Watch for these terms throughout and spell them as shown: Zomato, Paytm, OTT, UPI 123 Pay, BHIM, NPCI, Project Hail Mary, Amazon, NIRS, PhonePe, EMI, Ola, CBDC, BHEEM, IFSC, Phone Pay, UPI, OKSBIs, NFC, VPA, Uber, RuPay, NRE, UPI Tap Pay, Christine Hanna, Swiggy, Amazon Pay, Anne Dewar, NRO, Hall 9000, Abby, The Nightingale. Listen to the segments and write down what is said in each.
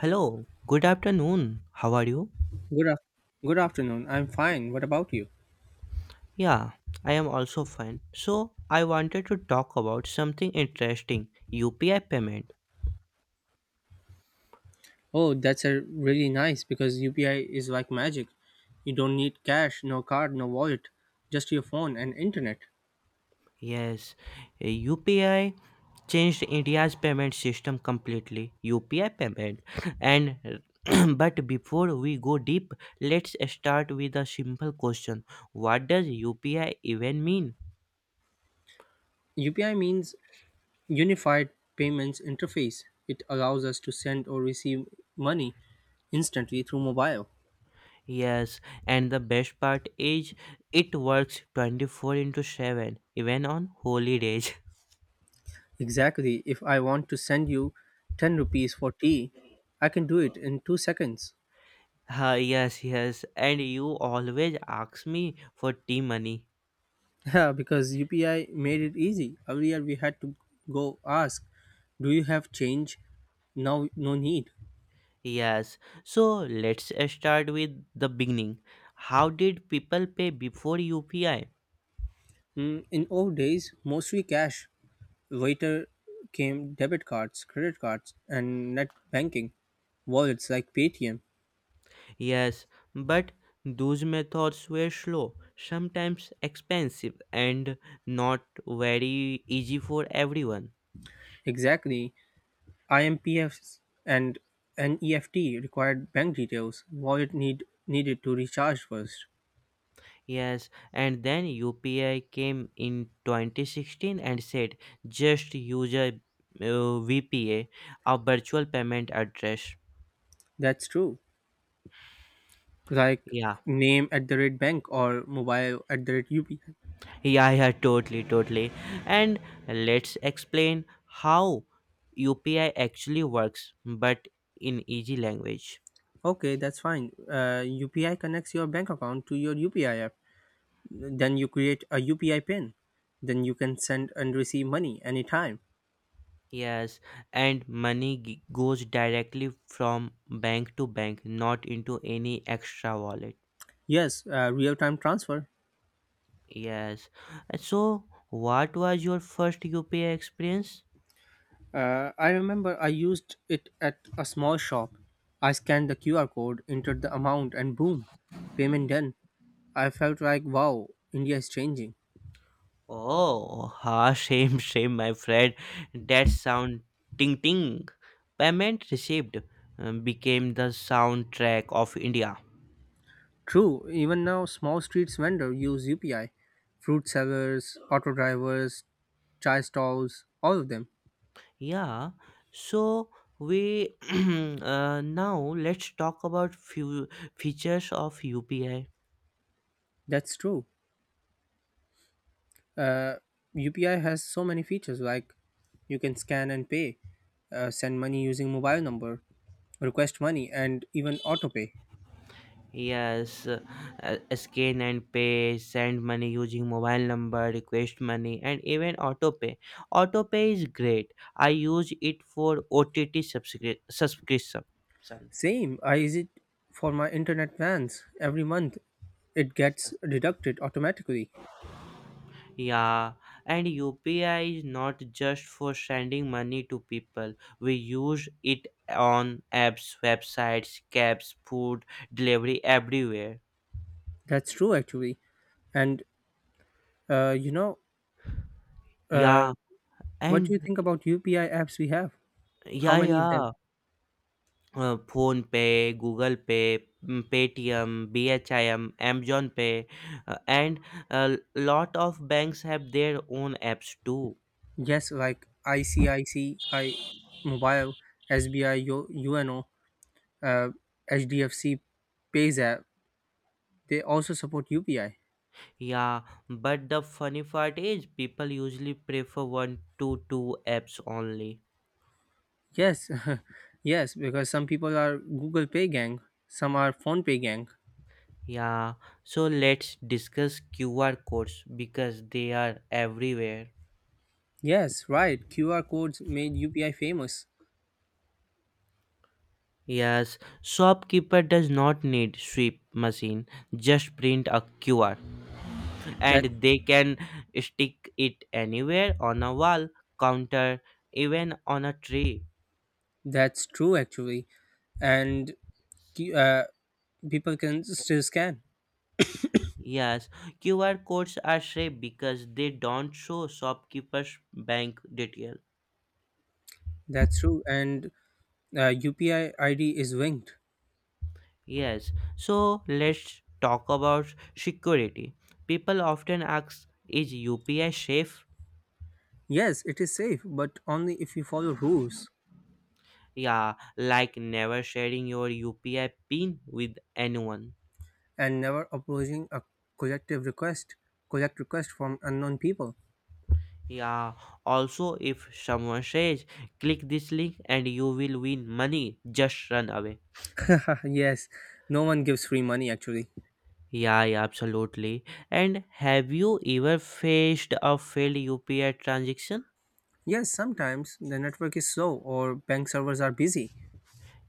Hello, good afternoon. How are you? Good, af- Good afternoon. I'm fine. What about you? Yeah, I am also fine. So, I wanted to talk about something interesting: UPI payment. Oh, that's a really nice because UPI is like magic. You don't need cash, no card, no wallet, just your phone and internet. Yes, UPI changed India's payment system completely. UPI payment. And but before we go deep, let's start with a simple question: what does UPI even mean? UPI means Unified Payments Interface. It allows us to send or receive money instantly through mobile. Yes, and the best part is it works 24 into 7 even on holy days. Exactly. If I want to send you 10 rupees for tea, I can do it in 2 seconds. Yes, yes. And you always ask me for tea money. Yeah, because UPI made it easy. Earlier we had to go ask, "Do you have change?" Now no need. Yes. So let's start with the beginning. How did people pay before UPI? Mm, in old days, mostly cash. Later came debit cards, credit cards, and net banking, wallets like Paytm. Yes, but those methods were slow, sometimes expensive, and not very easy for everyone. Exactly, IMPFs and NEFT required bank details. Wallet needed to recharge first. Yes, and then UPI came in 2016 and said just use a VPA, a virtual payment address. That's true. Like Yeah, name at the rate bank or mobile at the rate UPI. yeah, yeah, totally, totally. And let's explain how UPI actually works, but in easy language. Okay, that's fine. UPI connects your bank account to your UPI app. Then you create a UPI PIN. Then you can send and receive money anytime. Yes, and money goes directly from bank to bank, not into any extra wallet. Yes, real time transfer. Yes. And so, what was your first UPI experience? I remember I used it at a small shop. I scanned the QR code, entered the amount, and boom, payment done. I felt like, wow, India is changing. Oh, ha, shame, shame, my friend. That sound, ting ting. Payment received became the soundtrack of India. True, even now, small streets vendor use UPI. Fruit sellers, auto drivers, chai stalls, all of them. Yeah, so we now let's talk about few features of UPI. That's true. uh, UPI has so many features like you can scan and pay, send money using mobile number, request money, and even auto pay. Yes, scan and pay, send money using mobile number, request money, and even auto pay. Auto pay is great. I use it for OTT subscription. Same, I use it for my internet plans every month. It gets deducted automatically. Yeah, and UPI is not just for sending money to people. We use it on apps, websites, cabs, food delivery everywhere. That's true, actually. And uh, you know, uh, Yeah, what do you and think about UPI apps we have? How yeah, many of them? yeah. PhonePe, Google Pay, Paytm, BHIM, Amazon Pay, and a lot of banks have their own apps too. Yes, like ICICI Mobile, SBI, UNO, uh, HDFC Payza, they also support UPI. Yeah, but the funny part is people usually prefer one to two apps only. Yes, yes, because some people are Google Pay gang, some are Phone Pay gang. Yeah, so let's discuss QR codes because they are everywhere. Yes, right. QR codes made UPI famous. Yes, shopkeeper does not need sweep machine, just print a QR, That and they can stick it anywhere on a wall, counter, even on a tree. that's true actually, and Q- uh, people can still scan. Yes, QR codes are safe because they don't show shopkeepers' bank detail. That's true, and UPI ID is linked. Yes, so let's talk about security. People often ask, is UPI safe? Yes, it is safe, but only if you follow rules Yeah, like never sharing your UPI pin with anyone. and never opposing a collective request, collect request from unknown people. Yeah, also, if someone says, click this link and you will win money, just run away. yes, no one gives free money actually. Yeah, yeah, absolutely. And have you ever faced a failed UPI transaction? Yes, sometimes the network is slow or bank servers are busy.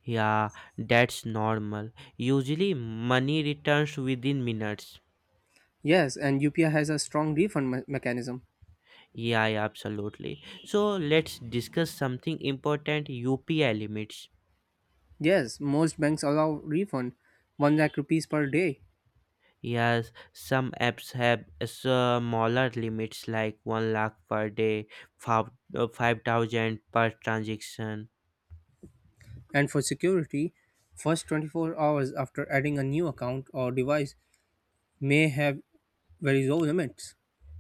Yeah, that's normal. Usually, money returns within minutes. Yes, and UPI has a strong mechanism. Yeah, yeah, absolutely. So, let's discuss something important: UPI limits. Yes, most banks allow refund 1 lakh rupees per day. Yes, some apps have smaller limits like 1 lakh per day, 5 5,000 per transaction. And for security, first 24 hours after adding a new account or device may have very low limits.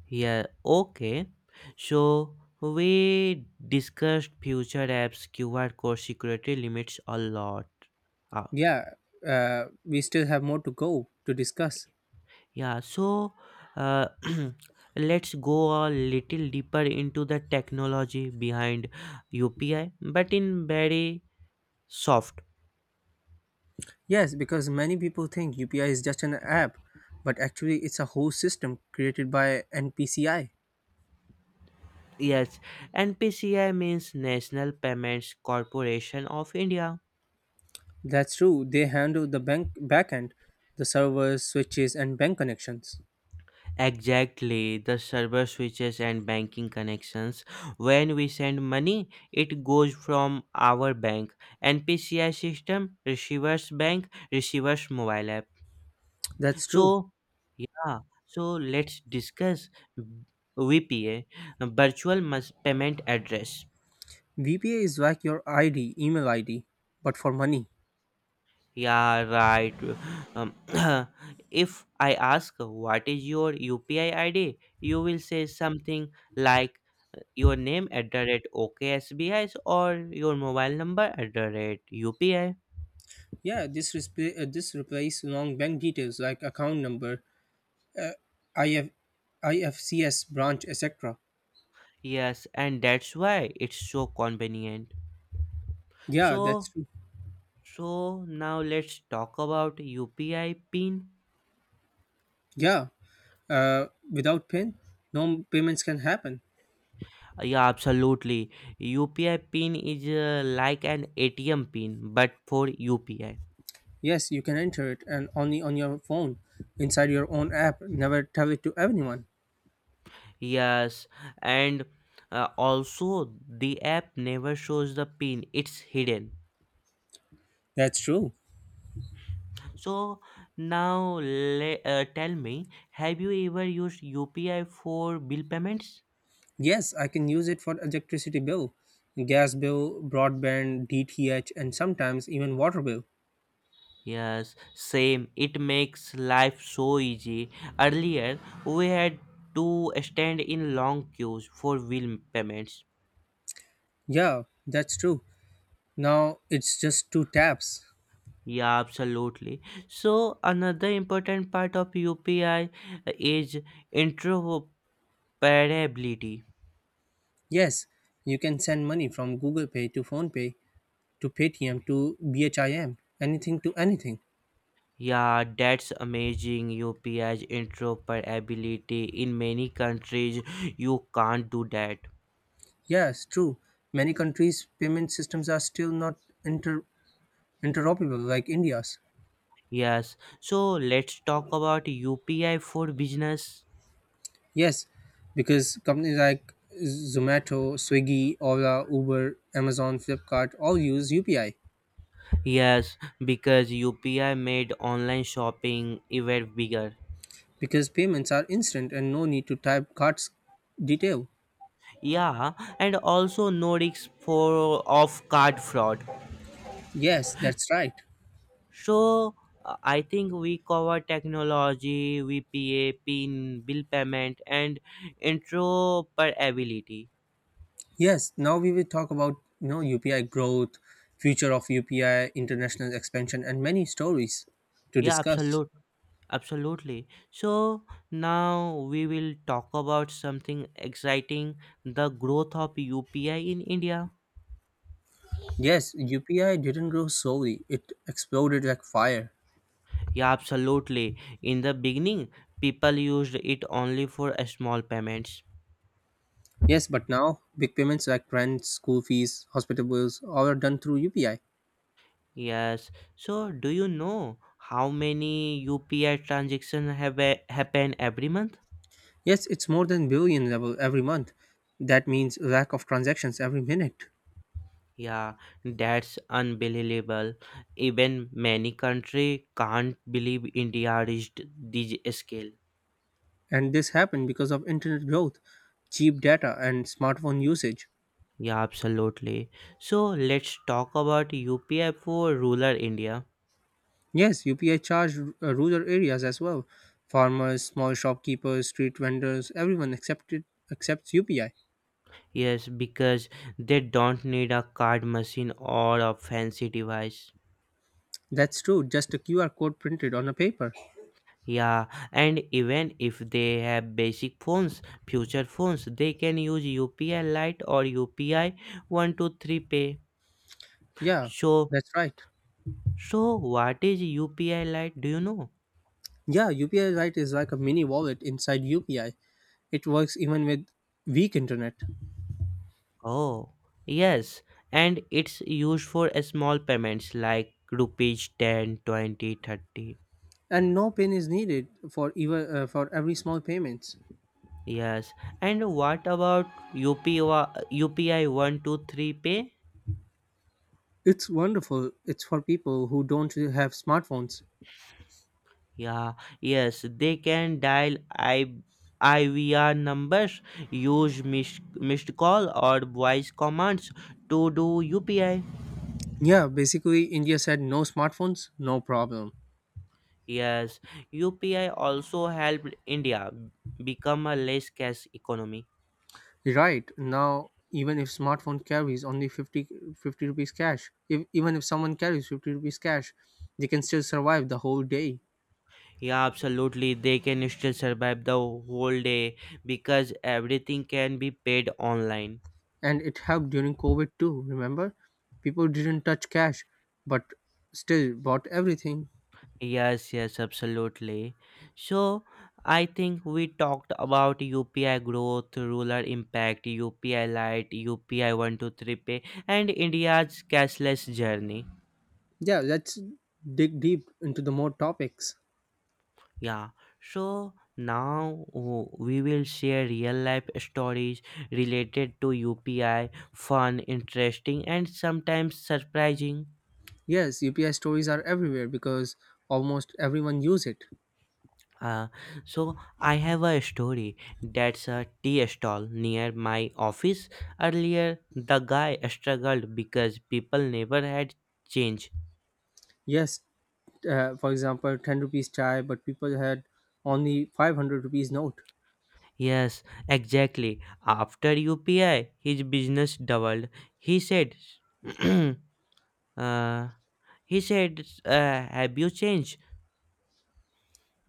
Yeah, okay. So we discussed future apps, QR code, security, limits, a lot. Uh, Yeah, we still have more to go to discuss. yeah, so uh, let's go a little deeper into the technology behind UPI, but in very soft. Yes, because many people think UPI is just an app, but actually it's a whole system created by NPCI. Yes, NPCI means National Payments Corporation of India. That's true. They handle the bank backend, the servers, switches, and bank connections. Exactly, the server switches and banking connections. When we send money, it goes from our bank, NPCI system, receiver's bank, receiver's mobile app. That's true. So, yeah, so let's discuss VPA, Virtual Payment Address. VPA is like your ID, email ID, but for money. Yeah, right. Um, if I ask what is your UPI ID, you will say something like your name at the rate OKSBIs or your mobile number at the rate UPI. Yeah, this replaces long bank details like account number, IF, IFCS branch, etc. Yes, and that's why it's so convenient. Yeah, that's So, true. so, now let's talk about UPI pin. Yeah, without PIN, no payments can happen. Yeah, absolutely. UPI pin is like an ATM pin, but for UPI. Yes, you can enter it and only on your phone, inside your own app. Never tell it to anyone. Yes, and also the app never shows the pin, it's hidden. That's true. So now tell me, have you ever used UPI for bill payments? Yes, I can use it for electricity bill, gas bill, broadband, DTH, and sometimes even water bill. Yes, same. It makes life so easy. Earlier, we had to stand in long queues for bill payments. Yeah, that's true. Now it's just two taps. Yeah, absolutely. So, another important part of UPI is interoperability. Yes, you can send money from Google Pay to PhonePe to Paytm to BHIM, anything to anything. Yeah, that's amazing. UPI's interoperability in many countries, you can't do that. Yes, true. Many countries' payment systems are still not inter- interoperable like India's. Yes, so let's talk about UPI for business. Yes, because companies like Zomato, Swiggy, Ola, Uber, Amazon, Flipkart all use UPI Yes, because UPI made online shopping even bigger. because payments are instant and no need to type card's detail. Yeah, and also no risk for of card fraud. Yes, that's right. So I think we cover technology, VPA, PIN, bill payment, and interoperability. Yes, now we will talk about you know UPI growth, future of UPI, international expansion, and many stories to Yeah, discuss. Absolutely. So now we will talk about something exciting, the growth of UPI in India. Yes, UPI didn't grow slowly; it exploded like fire. Yeah, absolutely. In the beginning, people used it only for a small payments. Yes, but now big payments like rent, school fees, hospital bills, all are done through UPI. Yes. So do you know how many UPI transactions have happen every month? Yes, it's more than billion level every month. That means lack of transactions every minute. Yeah, that's unbelievable. Even many country can't believe India reached this scale. And this happened because of internet growth, cheap data, and smartphone usage. Yeah, absolutely. So let's talk about UPI for rural India. Yes, UPI charged rural areas as well. Farmers, small shopkeepers, street vendors, everyone accepted accepts UPI. Yes, because they don't need a card machine or a fancy device. That's true, just a QR code printed on a paper. Yeah, and even if they have basic phones, future phones, they can use UPI Lite or UPI 123 Pay. Yeah, So, that's right. so, what is UPI Lite? Do you know? Yeah, UPI Lite is like a mini wallet inside UPI. It works even with weak internet. Oh, yes, and it's used for small payments like rupees 10, 20, 30. And no pin is needed for even for every small payments. Yes. And what about UPI, UPI 123 pay? It's wonderful, it's for people who don't have smartphones. Yeah, yes, they can dial I V R numbers, use missed call or voice commands to do UPI. Yeah, basically India said no smartphones, no problem. Yes, UPI also helped India become a less cash economy. Right now, even if smartphone carries only 50 50 rupees cash if, even if someone carries 50 rupees cash, they can still survive the whole day. Yeah, absolutely. They can still survive the whole day because everything can be paid online. And it helped during covid too, remember, people didn't touch cash but still bought everything. Yes, yes, absolutely. So I think we talked about UPI growth, rural impact, UPI Lite, UPI 123Pay, and India's cashless journey. Yeah, let's dig deep into the more topics. Yeah. So now we will share real life stories related to UPI, fun, interesting, and sometimes surprising. Yes, UPI stories are everywhere because almost everyone use it. Uh, so I have a story, that's a tea stall near my office. Earlier, the guy struggled because people never had change. Yes, for example, 10 rupees chai, but people had only 500 rupees note. Yes, exactly. After UPI, his business doubled. He said, uh, he said, uh, have you changed?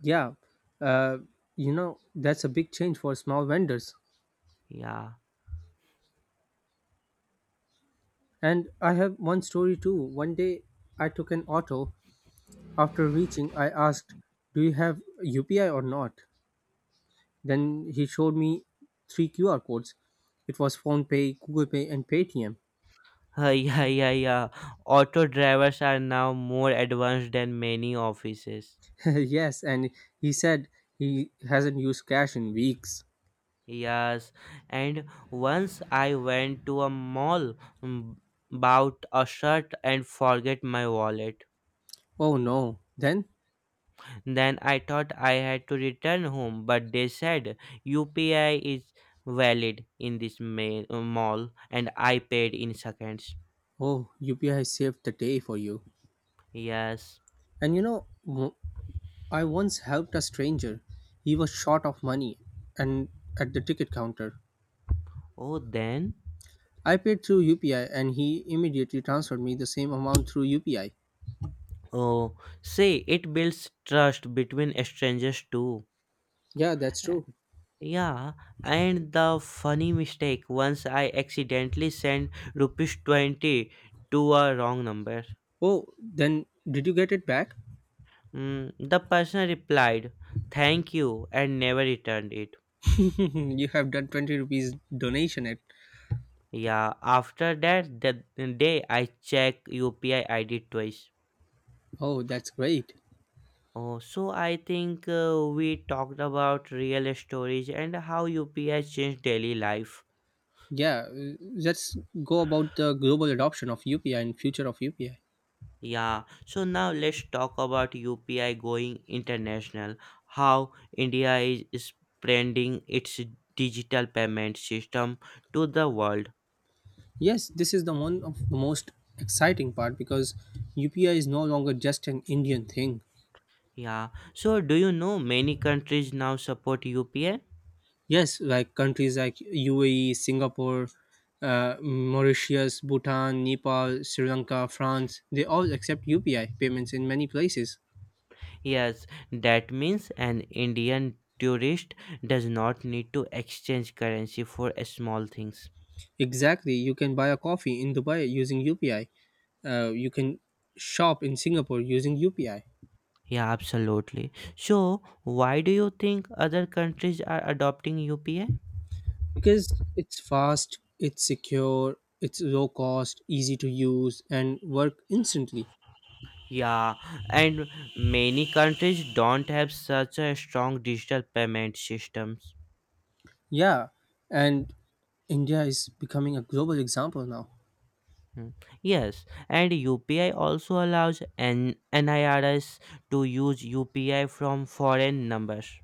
Yeah, uh, that's a big change for small vendors. Yeah. And I have one story too. One day I took an auto. After reaching, I asked, "Do you have UPI or not?" Then he showed me three QR codes. It was PhonePay, Google Pay, and Paytm. Yeah, yeah, yeah. Auto drivers are now more advanced than many offices. Yes, and he said he hasn't used cash in weeks. Yes, and once I went to a mall, mm, bought a shirt and forget my wallet. Oh no. Then, Then I thought I had to return home, but they said UPI is valid in this mall, and I paid in seconds. oh, UPI saved the day for you. Yes. And you know, I once helped a stranger. He was short of money and at the ticket counter. Oh, then. I paid through UPI and he immediately transferred me the same amount through UPI. Oh, see, it builds trust between strangers too. Yeah, that's true. Yeah, and the funny mistake, once I accidentally sent rupees 20 to a wrong number. Oh, then did you get it back? The person replied, thank you, and never returned it. You have done 20 rupees donation at. Yeah, after that, the day I check UPI ID twice. Oh, that's great. Oh, so I think we talked about real stories and how UPI changed daily life. Yeah, let's go about the global adoption of UPI and future of UPI. Yeah, so now let's talk about UPI going international, how India is spreading its digital payment system to the world. Yes, this is the one of the most exciting part because UPI is no longer just an Indian thing. Yeah, so do you know many countries now support UPI? Yes, like countries like UAE, Singapore, Mauritius, Bhutan, Nepal, Sri Lanka, France, they all accept UPI payments in many places. Yes, that means an Indian tourist does not need to exchange currency for small things. Exactly, you can buy a coffee in Dubai using UPI. You can shop in Singapore using UPI Yeah, absolutely. So, why do you think other countries are adopting UPI? because it's fast, it's secure, it's low cost, easy to use, and work instantly. Yeah, and many countries don't have such a strong digital payment systems. Yeah, and India is becoming a global example now. Hmm. Yes, and UPI also allows NIRS to use UPI from foreign numbers.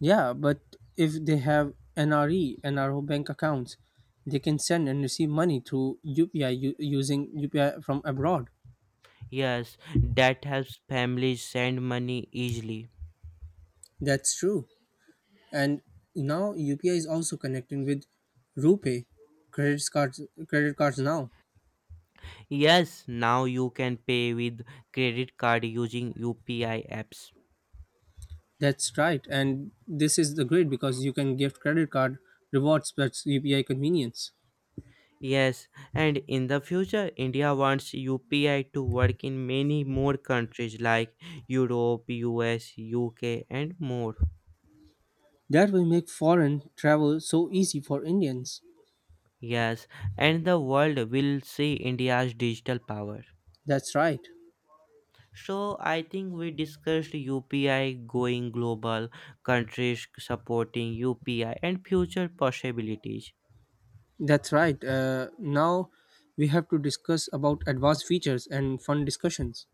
Yeah, but if they have NRE, NRO bank accounts, they can send and receive money through UPI using UPI from abroad. Yes, that helps families send money easily. That's true. And now UPI is also connecting with RuPay credit cards credit cards now. Yes, now you can pay with credit card using UPI apps. That's right, and this is the great because you can gift credit card rewards plus UPI convenience. Yes, and in the future, India wants UPI to work in many more countries like Europe, US, UK, and more. That will make foreign travel so easy for Indians. Yes, and the world will see India's digital power. That's right. So, I think we discussed UPI going global, countries supporting UPI, and future possibilities. That's right. Now we have to discuss about advanced features and fun discussions.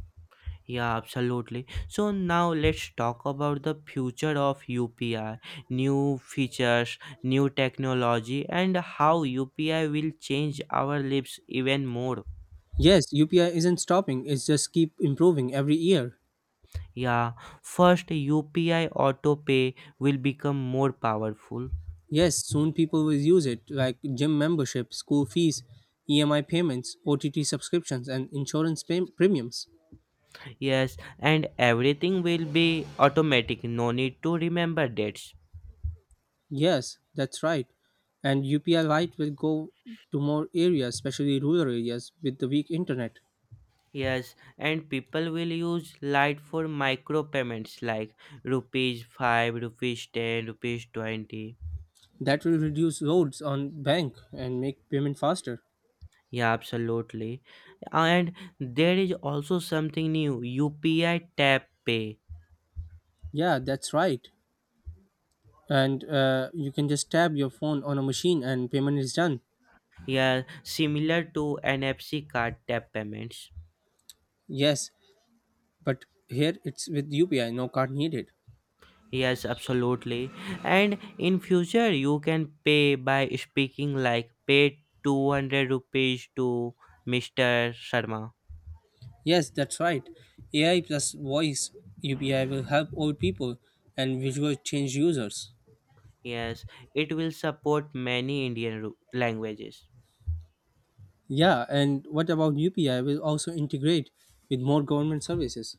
Yeah, absolutely. So now let's talk about the future of UPI, new features, new technology, and how UPI will change our lives even more. Yes, UPI isn't stopping, it's just keep improving every year. Yeah, first UPI auto pay will become more powerful. Yes, soon people will use it like gym membership, school fees, EMI payments, OTT subscriptions and premiums. Yes, and everything will be automatic, no need to remember dates. Yes, that's right. And UPI Lite will go to more areas, especially rural areas, with the weak internet. Yes, and people will use Lite for micro payments like rupees 5, rupees 10, rupees 20. That will reduce loads on bank and make payment faster. Yeah, absolutely. And there is also something new, UPI Tap Pay. Yeah, that's right. And you can just tap your phone on a machine and payment is done. Yeah, similar to NFC card tap payments. Yes, but here it's with UPI, no card needed. Yes, absolutely. And in future, you can pay by speaking like, pay 200 rupees to Mr. Sharma. Yes, that's right. AI plus voice UPI will help old people and visual change users. Yes, it will support many Indian languages. Yeah, and what about UPI will also integrate with more government services.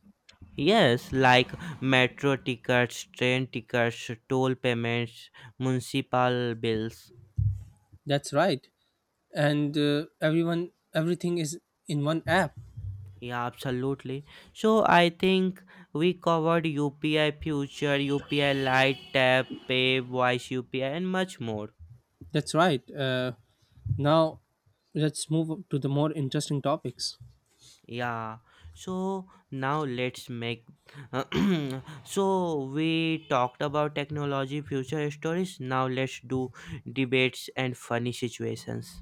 Yes, like metro tickets, train tickets, toll payments, municipal bills. That's right. And everyone everything is in one app. Yeah, absolutely. So I think we covered UPI Future, UPI Lite, Tap, Pay, Voice UPI, and much more. That's right. Now let's move to the more interesting topics. Yeah. So now let's make. so we talked about technology, future stories. Now let's do debates and funny situations.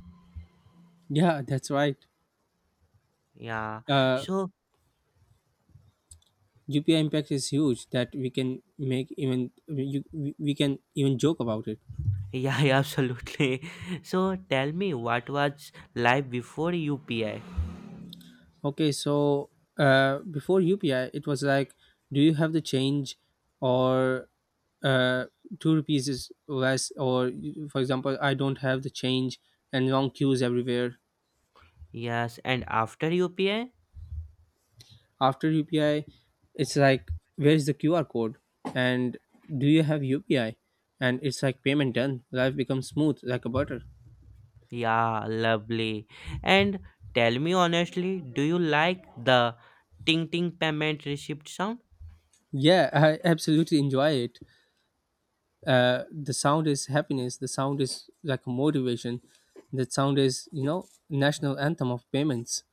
Yeah, that's right. Yeah. Uh, So UPI impact is huge that we can make even we can even joke about it. yeah, yeah, absolutely. So tell me, what was life before UPI? Okay, so before UPI, it was like, "Do you have the change or uh, two rupees is less?" Or, for example, "I don't have the change," and long queues everywhere. Yes, and after UPI? After UPI, it's like, "Where is the QR code? And do you have UPI?" And it's like payment done. Life becomes smooth like a butter. Yeah, lovely. And tell me honestly, do you like the ting ting payment receipt sound? Yeah, I absolutely enjoy it. The sound is happiness, the sound is like motivation, the sound is you know national anthem of payments.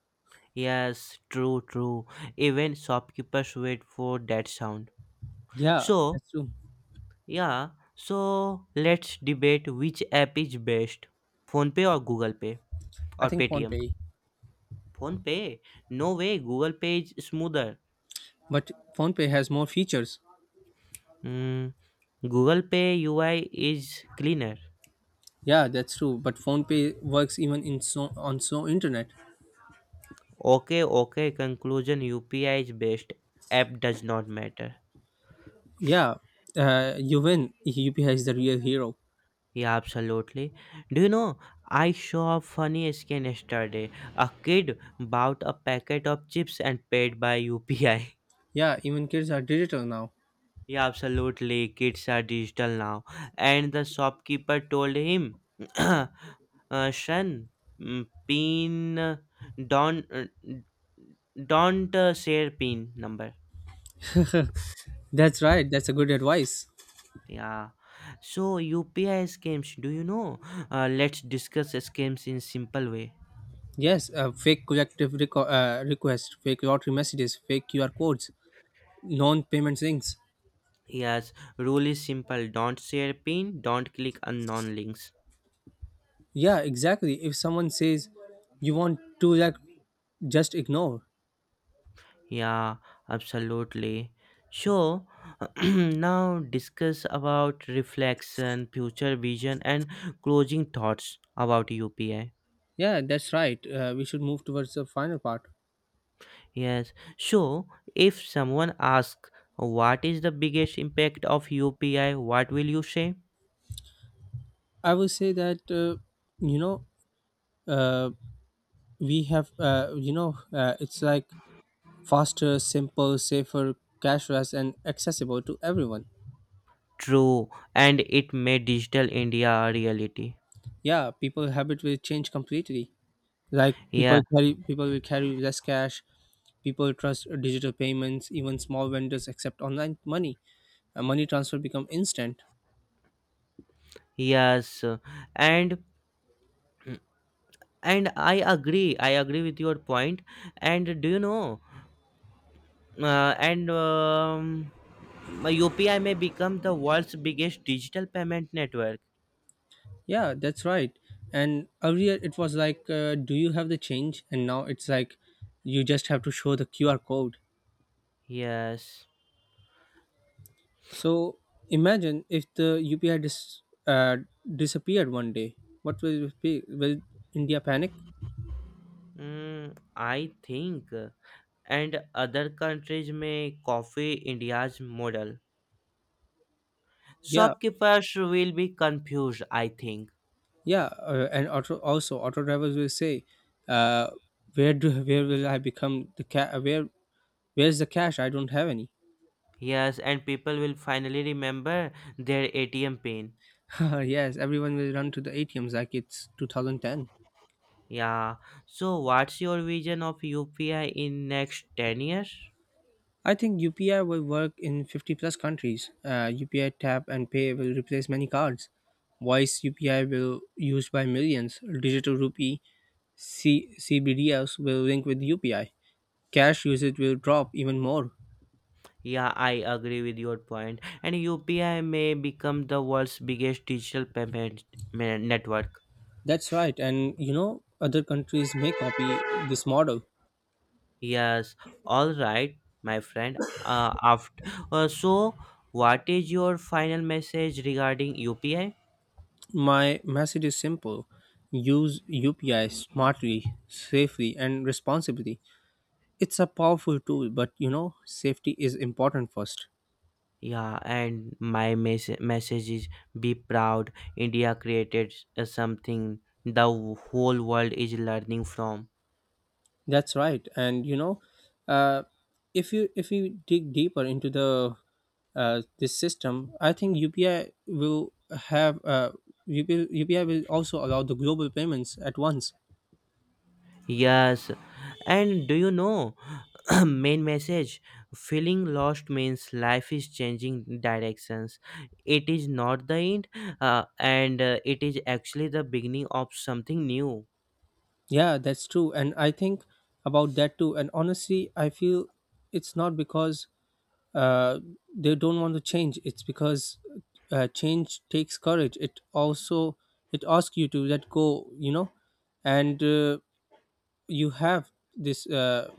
Yes, true, true. Even shopkeepers wait for that sound. Yeah, So, that's true. yeah, so let's debate which app is best: Phone Pay or Google Pay I or think phone Paytm. pay. Phone Pay? No way, Google Pay is smoother. But phone pay has more features. Mm, Google Pay UI is cleaner. Yeah, that's true, but phone pay works even in so on so internet. Okay, okay. Conclusion: UPI is best. App does not matter. Yeah, you win, upi is the real hero. Yeah, absolutely. Do you know? I saw a funny scam yesterday. A kid bought a packet of chips and paid by UPI. Yeah, even kids are digital now. Yeah, absolutely. Kids are digital now. And the shopkeeper told him, uh, son, pin, don't, uh, don't share pin number. That's right, that's a good advice. Yeah. So UPI scams, do you know? Let's discuss scams in simple way. Yes, request, fake lottery messages, fake qr codes, non-payment things. Yes, rule is simple. Don't share pin, don't click unknown links. Yeah, exactly. If someone says you want to like just ignore. Yeah, absolutely. So now discuss about reflection, future vision and closing thoughts about UPI. Yeah, that's right. We should move towards the final part. Yes. So if someone asks what is the biggest impact of UPI, what will you say? I will say that you know uh, we have you know it's like faster, simple, safer, cashless, and accessible to everyone. True, and it made digital India a reality. Yeah, people habit will change completely. Like Yeah, people will carry less cash. People trust digital payments. Even small vendors accept online money. Money transfer become instant. yes, and and I agree. I agree with your point. And do you know? And UPI may become the world's biggest digital payment network. Yeah, that's right. And earlier it was like, "Do you have the change?" And now it's like, you just have to show the QR code. Yes, So imagine if the UPI dis- uh, disappeared one day. What will it be? Will India panic? I think. And other countries may copy India's model. Yeah, Shopkeepers will be confused. I think. yeah. And auto drivers will say, uh, where will I become the ca- where where's the cash? I don't have any. Yes, and people will finally remember their ATM pin. Yes, everyone will run to the ATMs like it's 2010. Yeah. So what's your vision of UPI in next 10 years? I think UPI will work in 50 plus countries. UPI tap and pay will replace many cards. Voice UPI will used by millions. Digital rupee CBDS will link with UPI. Cash usage will drop even more. Yeah, I agree with your point. And UPI may become the world's biggest digital payment network. That's right. And you know, other countries may copy this model. Yes. All right, my friend. So what is your final message regarding UPI? My message is simple, use UPI smartly, safely, and responsibly. It's a powerful tool, but you know, safety is important first. Yeah, and my message is, be proud. India created something the whole world is learning from. That's right, and you know, uh, if you dig deeper into the this system, I think UPI will have UPI will also allow the global payments at once. Yes, and do you know? main message, feeling lost means life is changing directions. It is not the end, and it is actually the beginning of something new. Yeah, that's true, and I think about that too. And honestly, I feel it's not because uh, they don't want to change; it's because change takes courage. It also it asks you to let go, you know, and. You have this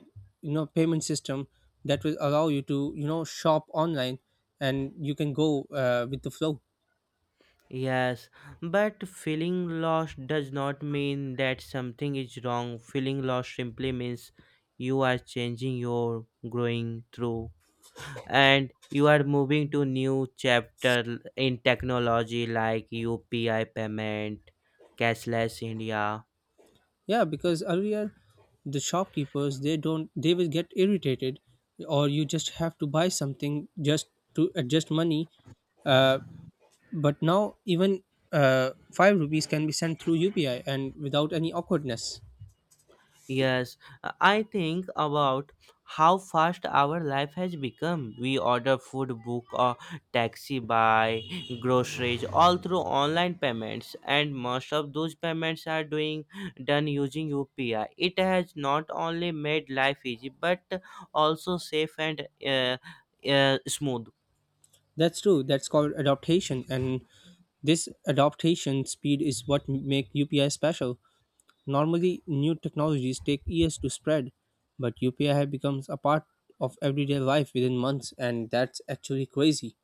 you know payment system that will allow you to you know shop online and you can go with the flow. Yes, but feeling lost does not mean that something is wrong. Feeling lost simply means you are changing, you're growing through, and you are moving to new chapter in technology like UPI payment, cashless India. Yeah, because earlier the shopkeepers they don't they will get irritated, or you just have to buy something just to adjust money, uh, but now even 5 rupees can be sent through upi and without any awkwardness. Yes, I think about how fast our life has become. We order food, book a taxi, buy groceries, all through online payments, and most of those payments are doing done using UPI. It has not only made life easy but also safe and smooth. That's true, that's called adaptation, and this adaptation speed is what make upi special. Normally, new technologies take years to spread, but UPI becomes a part of everyday life within months, and that's actually crazy.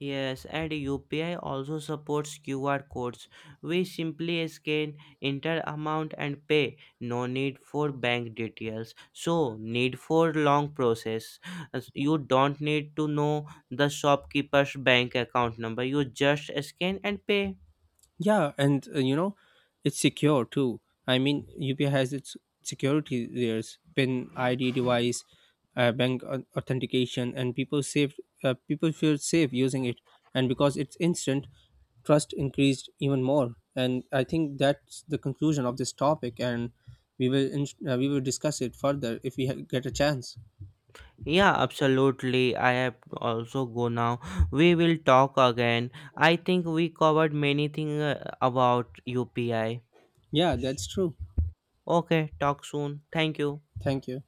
Yes, and UPI also supports QR codes. We simply scan, enter amount and pay. No need for bank details. So, need for long process. As you don't need to know the shopkeeper's bank account number. You just scan and pay. Yeah, and it's secure too. I mean, UPI has its security layers, PIN, ID device, authentication, and people safe. People feel safe using it, and because it's instant, trust increased even more. And I think that's the conclusion of this topic, and we will discuss it further if we get a chance. Yeah, absolutely. I have also go now. We will talk again. I think we covered many things about UPI. Yeah, that's true. Okay, talk soon. Thank you. Thank you.